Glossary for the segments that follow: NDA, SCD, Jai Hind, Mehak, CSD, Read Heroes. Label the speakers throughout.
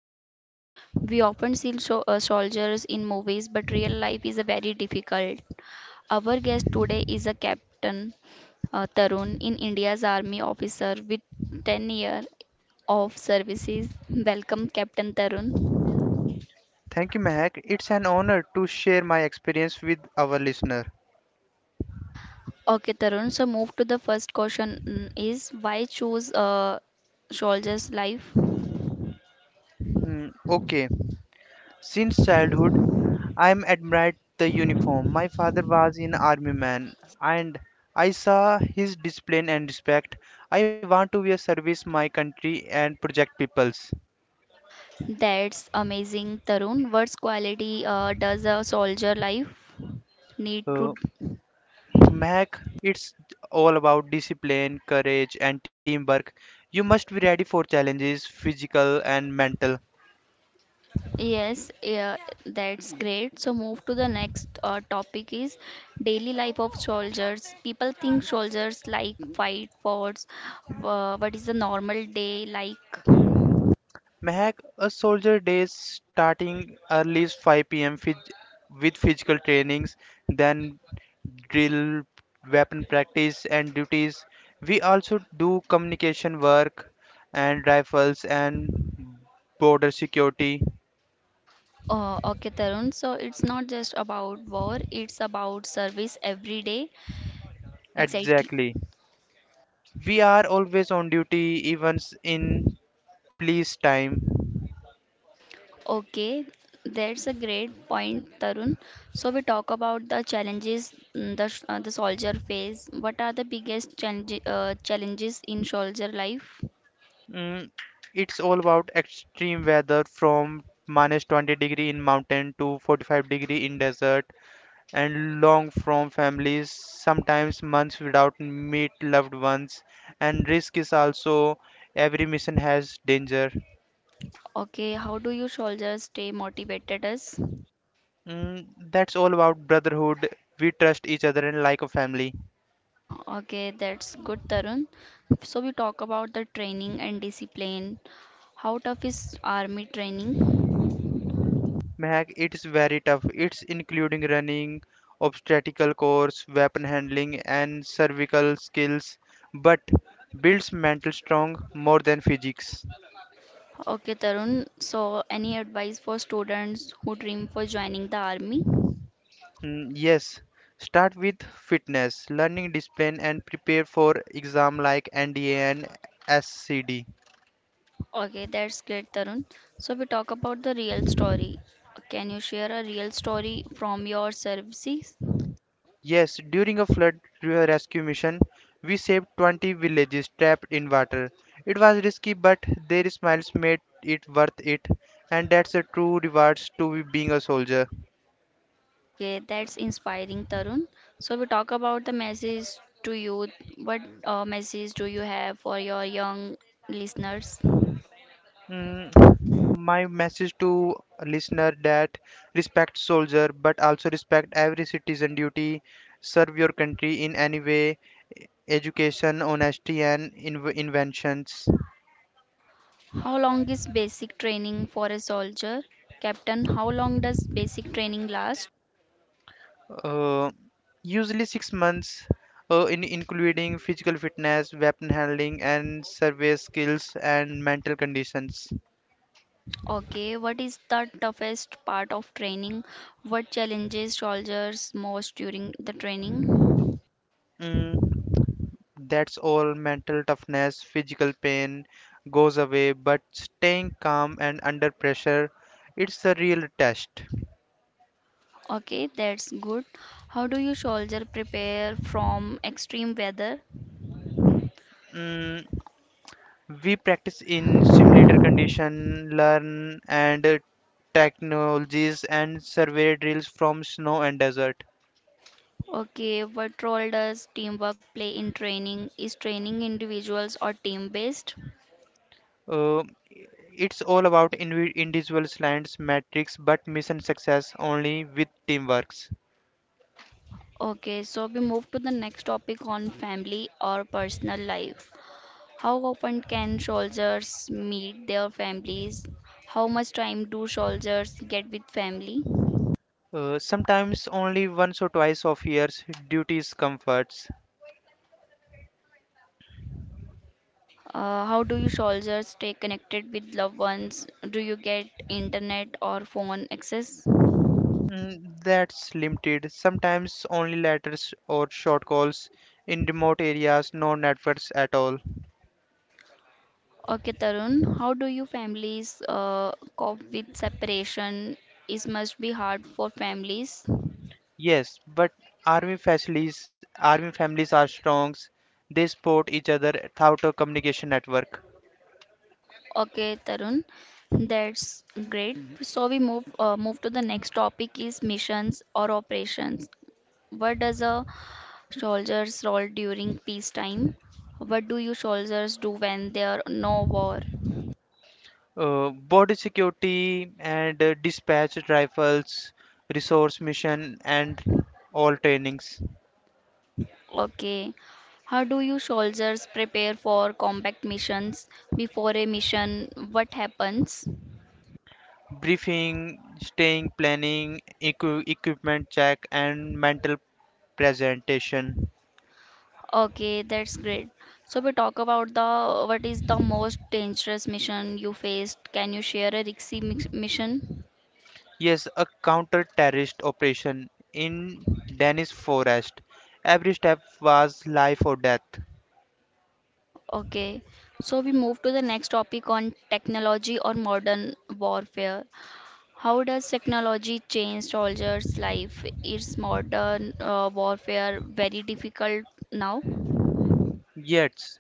Speaker 1: a soldier. We often see soldiers in movies, but real life is a very difficult. Our guest today is a captain, Tarun, in India's army officer with 10 years of services. Welcome, Captain Tarun.
Speaker 2: Thank you, Mahak. It's an honor to share my experience with our listener.
Speaker 1: Okay, Tarun. So move to the first question mm, is why choose a soldier's life?
Speaker 2: Hmm, okay, since childhood, I am admired the uniform. My father was an army man, and I saw his discipline and respect. I want to be a service my country and project peoples.
Speaker 1: That's amazing, Tarun. What's quality does a soldier life need to?
Speaker 2: Uh, Mehak, it's all about discipline, courage, and teamwork. You must be ready for challenges, physical and mental.
Speaker 1: Yes, yeah, that's great. So move to the next topic is daily life of soldiers. People think soldiers like fight wars. What is the normal day like?
Speaker 2: Mehak, a soldier days starting early 5 p.m. With physical trainings, then drill, weapon practice, and duties. We also do communication work and rifles and border security.
Speaker 1: Okay, Tarun. So it's not just about war, it's about service every day. Exactly.
Speaker 2: Exactly. We are always on duty, even in police time.
Speaker 1: Okay, that's a great point, Tarun. So we talk about the challenges mm, the the soldier face. What are the biggest challenges in soldier life?
Speaker 2: Mm, it's all about extreme weather from minus 20 degree in mountain to 45 degree in desert, and long from families, sometimes months without meet loved ones, and risk is also every mission has danger.
Speaker 1: Okay, how do you soldiers stay motivated us?
Speaker 2: Mm, that's all about brotherhood. We trust each other and like a family.
Speaker 1: Okay, that's good, Tarun. So we talk about the training and discipline. How tough is army training?
Speaker 2: Mehak, it's very tough. It's including running, obstacle course, weapon handling, and cervical skills, but builds mental strong more than physics.
Speaker 1: Okay, Tarun. So any advice for students who dream for joining the army?
Speaker 2: Yes, start with fitness, learning discipline, and prepare for exam like NDA and SCD.
Speaker 1: Okay, that's great, Tarun. So we talk about the real story. Can you share a real story from your services?
Speaker 2: Yes, during a rescue mission, we saved 20 villages trapped in water. It was risky, but their smiles made it worth it, and that's a true reward to be being a soldier.
Speaker 1: Okay, that's inspiring, Tarun. So we talk about the message to youth. What message do you have for your young listeners?
Speaker 2: Mm, my message to listener that respect soldier but also respect every citizen duty, serve your country in any way, education, honesty, and inventions.
Speaker 1: How long is basic training for a soldier? Captain, how long does basic training last?
Speaker 2: uh, Usually 6 months, in including physical fitness, weapon handling, and survey skills, and mental conditions.
Speaker 1: Okay, what is the toughest part of training? What challenges soldiers most during the training?
Speaker 2: mm, That's all mental toughness, physical pain goes away, but staying calm and under pressure, it's a real test.
Speaker 1: Okay, that's good. How do you soldier prepare from extreme weather?
Speaker 2: Mm, we practice in simulator condition, learn and technologies and survey drills from snow and desert.
Speaker 1: Okay, what role does teamwork play in training? Is training individuals or team based?
Speaker 2: Uh, it's all about individual slants, metrics, but mission success only with teamworks.
Speaker 1: Okay, so we move to the next topic on family or personal life. How often can soldiers meet their families? How much time do soldiers get with family?
Speaker 2: Sometimes only once or twice of years, duties comforts.
Speaker 1: How do you soldiers stay connected with loved ones? Do you get internet or phone access?
Speaker 2: That's limited. Sometimes only letters or short calls in remote areas, no networks at all.
Speaker 1: Okay, Tarun, how do you families cope with separation? It must be hard for families.
Speaker 2: Yes, but army families are strong. They support each other throughout a communication network.
Speaker 1: Okay, Tarun, that's great. Mhm. So we move to the next topic is missions or operations. What does a soldier's role during peacetime? What do you soldiers do when there are no war?
Speaker 2: Border security and dispatch rifles, resource mission, and all trainings,
Speaker 1: Okay. How do you soldiers prepare for combat missions? Before a mission, what happens?
Speaker 2: briefing, staying, planning, equipment check, and mental presentation.
Speaker 1: Okay, that's great. So we talk about the what is the most dangerous mission you faced. Can you share a mission?
Speaker 2: Yes, a counter-terrorist operation in Danish forest. Every step was life or death.
Speaker 1: Okay. So we move to the next topic on technology or modern warfare. How does technology change soldiers' life? Is modern warfare very difficult now?
Speaker 2: Yet,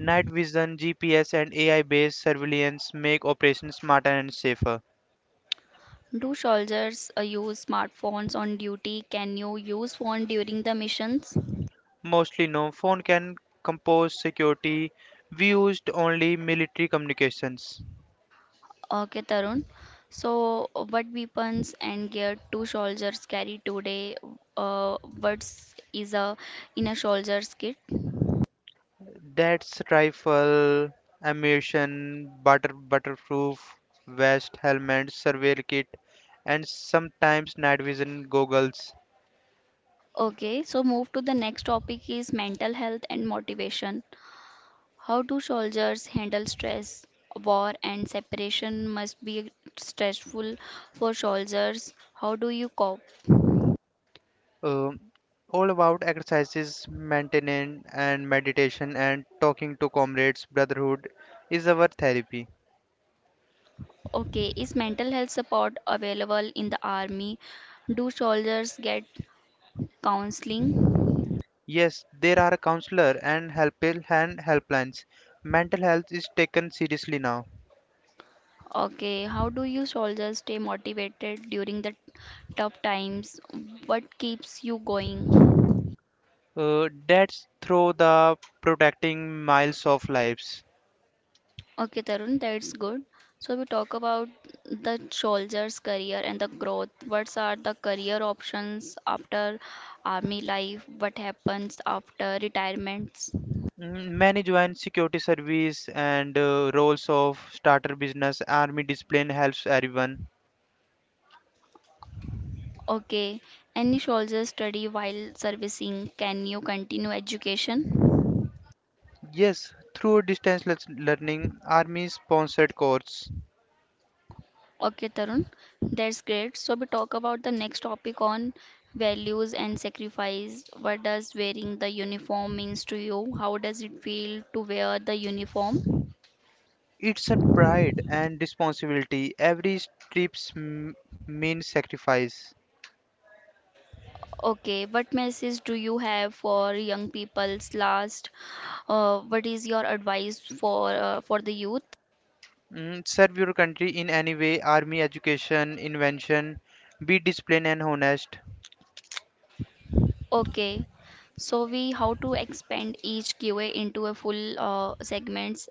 Speaker 2: night vision, GPS, and AI-based surveillance make operations smarter and safer.
Speaker 1: Do soldiers use smartphones on duty? Can you use phone during the missions?
Speaker 2: Mostly no phone can compose security. We used only military communications.
Speaker 1: Okay, Tarun. So, what weapons and gear two soldiers carry today? What is a in a soldier's kit?
Speaker 2: That's rifle, ammunition, butterproof vest, helmet, surveil kit, and sometimes night vision goggles.
Speaker 1: Okay, so move to the next topic is mental health and motivation. How do soldiers handle stress? War and separation must be stressful for soldiers. How do you cope?
Speaker 2: Um all about exercises, maintenance, and meditation, and talking to comrades. Brotherhood is our therapy.
Speaker 1: Okay, is mental health support available in the army? Do soldiers get counseling?
Speaker 2: Yes, there are counselor and help and helplines. Mental health is taken seriously now.
Speaker 1: Okay, how do you soldiers stay motivated during the tough times? What keeps you going?
Speaker 2: That's through the protecting miles of lives.
Speaker 1: Okay, Tarun, that's good. So we talk about the soldier's career and the growth. What are the career options after army life? What happens after retirements?
Speaker 2: Many join security service and roles of starter business. Army discipline helps everyone.
Speaker 1: Okay, any soldier study while servicing? Can you continue education?
Speaker 2: Yes, through learning, army sponsored course.
Speaker 1: Okay, Tarun, that's great. So we talk about the next topic on values and sacrifice. What does wearing the uniform means to you? How does it feel to wear the uniform?
Speaker 2: It's a pride and responsibility. Every trip's m- means sacrifice.
Speaker 1: Okay, what message do you have for young people's last? What is your advice for the youth?
Speaker 2: Serve your country in any way, army, education, invention. Be disciplined and honest.
Speaker 1: Okay, so we how to expand each QA into a full segments.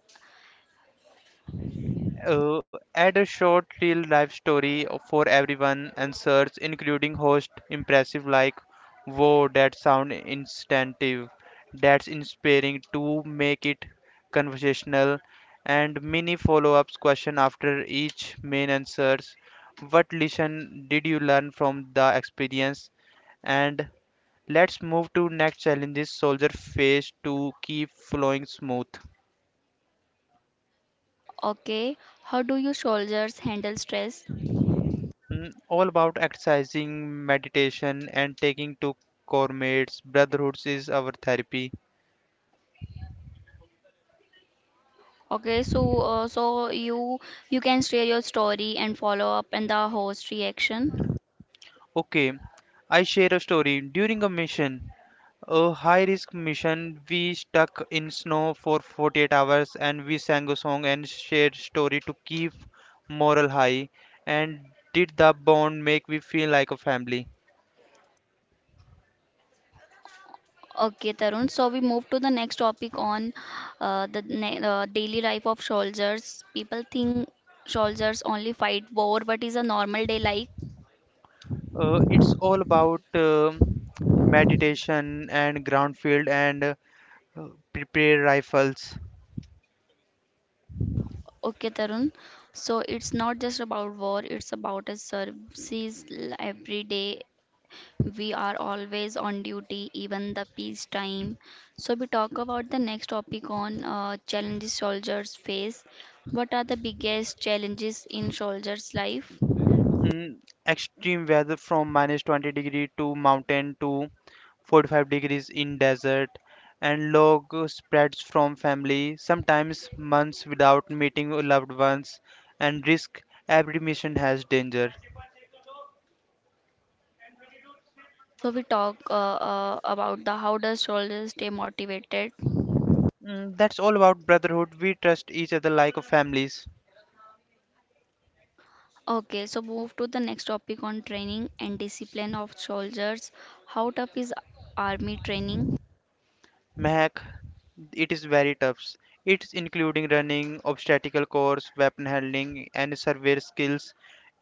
Speaker 2: Add a short real life story for everyone and search, including host impressive like whoa, that sound instinctive, that's inspiring, to make it conversational, and mini follow-ups question after each main answers. What lesson did you learn from the experience? And let's move to next challenges soldier face to keep flowing smooth.
Speaker 1: Okay, how do you soldiers handle stress?
Speaker 2: All about exercising, meditation, and taking to gourmets. Brotherhoods is our therapy.
Speaker 1: Okay, so so you can share your story and follow up and the host reaction.
Speaker 2: Okay, I share a story. A high risk mission, we stuck in snow for 48 hours and we sang a song and shared story to keep moral high. And did the bond make we feel like a family?
Speaker 1: Okay, Tarun. So we move to the next topic on daily life of soldiers. People think soldiers only fight war, but is a normal day like.
Speaker 2: It's all about meditation and ground field and prepare rifles.
Speaker 1: Okay, Tarun. So it's not just about war; it's about a every day. We are always on duty, even the peacetime. So we talk about the next topic on challenges soldiers face. What are the biggest challenges in soldiers' life?
Speaker 2: mm, Extreme weather from minus 20 degree to mountain to 45 degrees in desert, and log spreads from family, sometimes months without meeting loved ones, and risk every mission has danger.
Speaker 1: So we talk about the how does soldiers stay motivated.
Speaker 2: That's all about brotherhood, we trust each other like a families.
Speaker 1: Okay, so move to the next topic on training and discipline of soldiers. How tough is army training?
Speaker 2: Mehak, it is very tough. It's including running, obstacle course, weapon handling, and survey skills.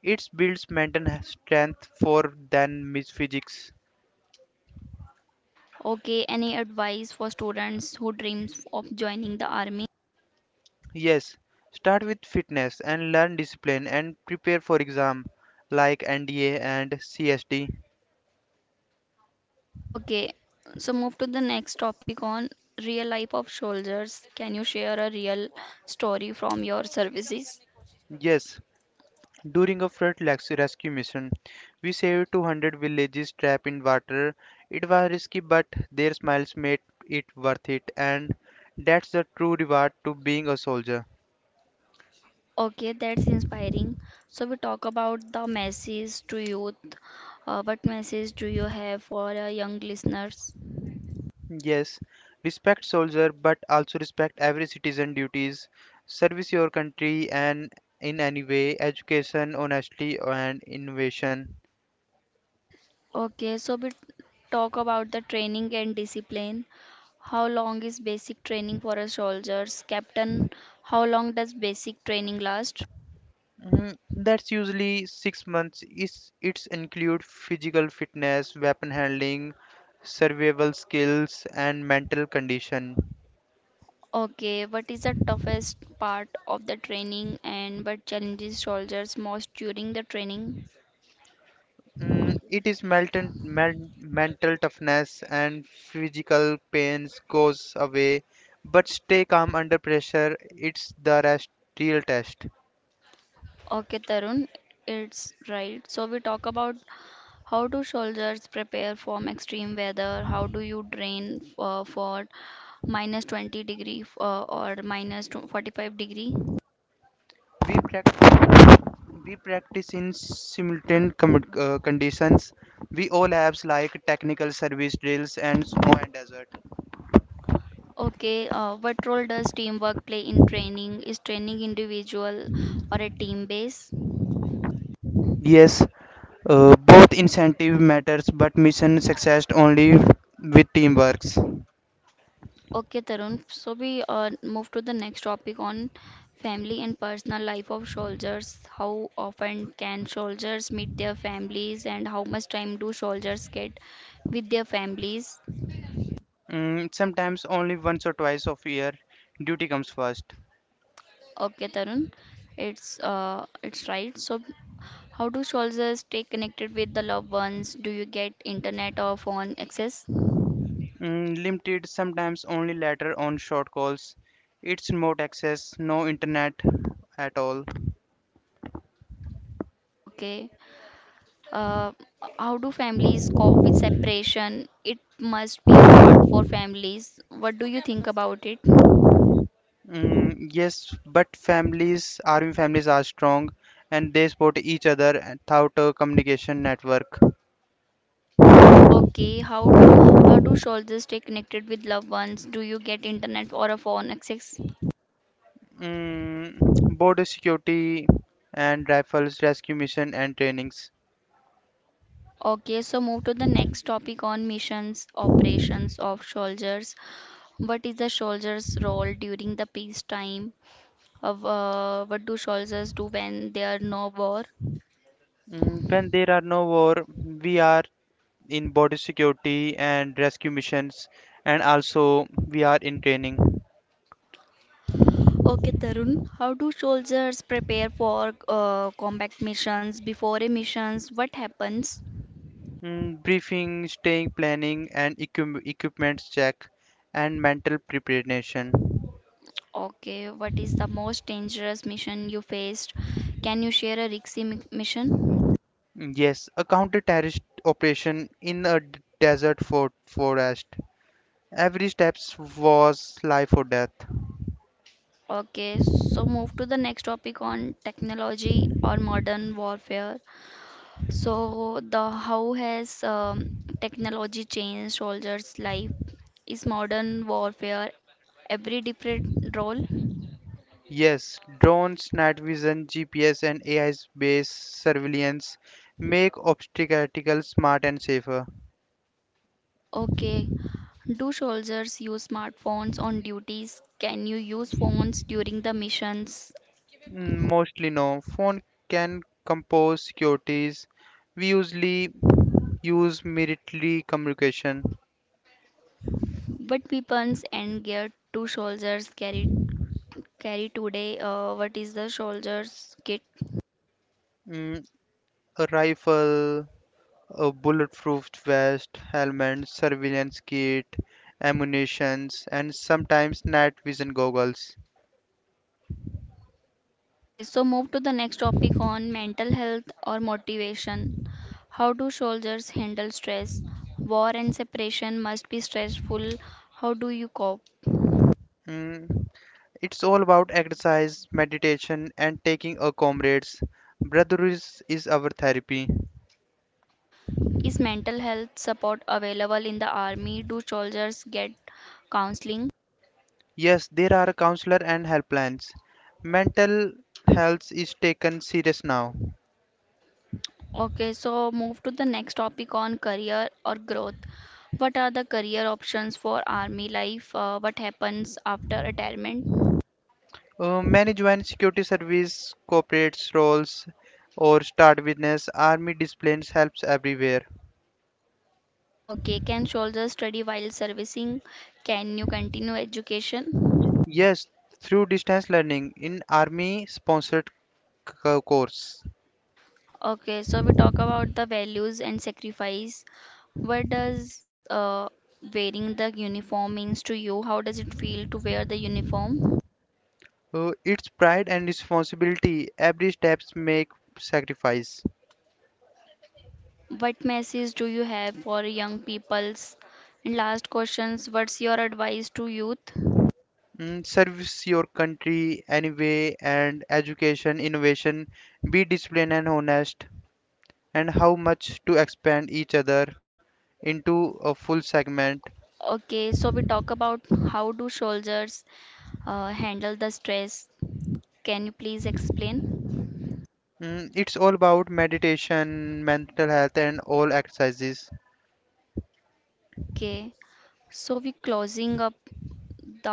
Speaker 2: It builds mental strength for than physics.
Speaker 1: Okay, any advice for students who dreams of joining the army?
Speaker 2: Yes, start with fitness and learn discipline and prepare for exam like NDA and CSD.
Speaker 1: Okay, so move to the next topic on real life of soldiers. Can you share a real story from your services?
Speaker 2: Yes, during a flood rescue mission, we saved 200 villages trapped in water. It was risky, but their smiles made it worth it, and that's the true reward to being a soldier.
Speaker 1: Okay, that's inspiring. So we talk about the message to youth. What message do you have for young listeners?
Speaker 2: Yes, respect soldier, but also respect every citizen duties. Service your country and in any way, education, honesty, and innovation.
Speaker 1: Okay, so we talk about the training and discipline. How long is basic training for a soldiers? Captain, how long does basic training last?
Speaker 2: That's usually 6 months. Is it's include physical fitness, weapon handling, survival skills, and mental condition.
Speaker 1: Okay, what is the toughest part of the training and what challenges soldiers most during the training?
Speaker 2: It is mental toughness and physical pains goes away, but stay calm under pressure. Real test.
Speaker 1: Okay, Tarun, it's right. So we talk about how do soldiers prepare for extreme weather? How do you train for minus 20 degree or 45 degree?
Speaker 2: We practice. We practice in conditions. We all have like technical service drills and snow and desert.
Speaker 1: Okay, what role does teamwork play in training? Is training individual or a team base?
Speaker 2: Yes, both incentive matters, but mission success only with team.
Speaker 1: Okay, Tarun. So we move to the next topic on family and personal life of soldiers. How often can soldiers meet their families, and how much time do soldiers get with their families?
Speaker 2: Sometimes only once or twice of year, duty comes first.
Speaker 1: Okay, Tarun. It's right. So how do soldiers stay connected with the loved ones? Do you get internet or phone access?
Speaker 2: Limited, sometimes only later on short calls. It's remote access, no internet at all.
Speaker 1: Okay. Uh, how do families cope with separation? It must be hard for families. What do you think about it?
Speaker 2: Yes, but army families are strong, and they support each other throughout a communication network.
Speaker 1: Okay, how do soldiers stay connected with loved ones? Do you get internet or a phone access?
Speaker 2: Mm, Border security and rifles rescue mission and trainings.
Speaker 1: Okay, so move to the next topic on missions, operations of soldiers. What is the soldier's role during the peacetime? Of What do soldiers do when there are no war?
Speaker 2: When there are no war, we are in border security and rescue missions, and also we are in training.
Speaker 1: Okay, Tarun, how do soldiers prepare for combat missions? Before a missions, what happens?
Speaker 2: Briefing, staying planning, and equipments check, and mental preparation.
Speaker 1: Okay, what is the most dangerous mission you faced? Can you share a mission?
Speaker 2: Yes, a counter-terrorist operation in a desert for forest. Every steps was life or death.
Speaker 1: Okay, so move to the next topic on technology or modern warfare. So, the how has technology changed soldiers' life? Is modern warfare every different role?
Speaker 2: Yes, drones, night vision, GPS, and AI-based surveillance make obstacles smart and safer.
Speaker 1: Okay, do soldiers use smartphones on duties? Can you use phones during the missions?
Speaker 2: Mostly no. Phone can compose securities. We usually use military communication.
Speaker 1: What weapons and gear do soldiers carry today? What is the soldier's kit?
Speaker 2: Mm, a rifle, a bulletproof vest, helmet, surveillance kit, ammunitions, and sometimes night vision goggles.
Speaker 1: Okay, so move to the next topic on mental health or motivation. How do soldiers handle stress? War and separation must be stressful. How do you cope?
Speaker 2: Mm, It's all about exercise, meditation, and taking a comrades. Brotherhood is our therapy.
Speaker 1: Is mental health support available in the army? Do soldiers get counseling?
Speaker 2: Yes, there are counselor and helplines. Mental health is taken serious now.
Speaker 1: Okay, so move to the next topic on career or growth. What are the career options for army life? What happens after retirement?
Speaker 2: Many join security service, corporate roles, or start witness. Army disciplines helps everywhere.
Speaker 1: Okay, can soldiers study while servicing? Can you continue education?
Speaker 2: Yes, through distance learning in army sponsored course.
Speaker 1: Okay, so we talk about the values and sacrifice. What does wearing the uniform means to you? How does it feel to wear the uniform?
Speaker 2: It's pride and responsibility. Every steps make sacrifice.
Speaker 1: What message do you have for young peoples? And last questions, what's your advice to youth?
Speaker 2: Service your country anyway, and education, innovation, be disciplined and honest, and how much to expand each other into a full segment.
Speaker 1: Okay, so we talk about how do soldiers handle the stress. Can you please explain?
Speaker 2: It's all about meditation, mental health, and all exercises.
Speaker 1: Okay. So we closing up the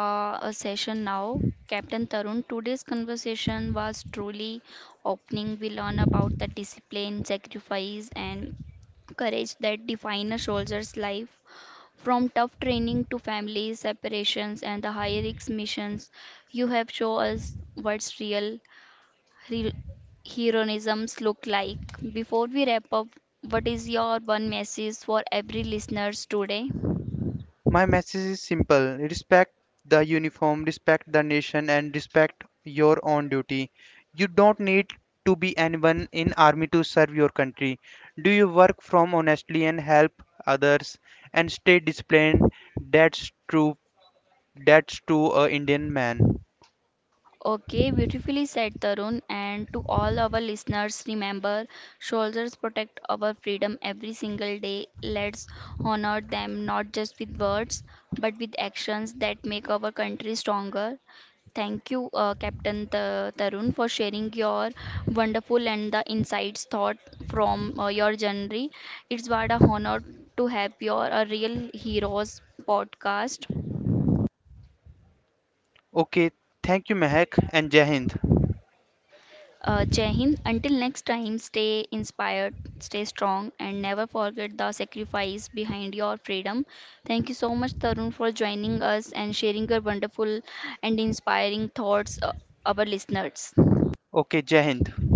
Speaker 1: session now. Captain Tarun, today's conversation was truly opening. We learn about the discipline, sacrifice, and courage that define a soldier's life. From tough training to family separations and the high risk missions, you have shown us what's re- heroisms look like. Before we wrap up, what is your one message for every listeners today?
Speaker 2: My message is simple: respect the uniform, respect the nation, and respect your own duty. You don't need to be anyone in army to serve your country. Do your work from honestly and help others, and stay disciplined. That's true. That's true, a Indian man.
Speaker 1: Okay, beautifully said, Tarun. And to all our listeners, remember soldiers protect our freedom every single day. Let's honor them not just with words, but with actions that make our country stronger. Thank you, Captain Tarun, for sharing your wonderful and the insights thought from your journey. It's what a honor to have your a real heroes podcast.
Speaker 2: Okay, thank you, Mehak, and Jai Hind.
Speaker 1: Jai Hind. Until next time, stay inspired, stay strong, and never forget the sacrifice behind your freedom. Thank you so much, Tarun, for joining us and sharing your wonderful and inspiring thoughts, our listeners.
Speaker 2: Okay, Jai Hind.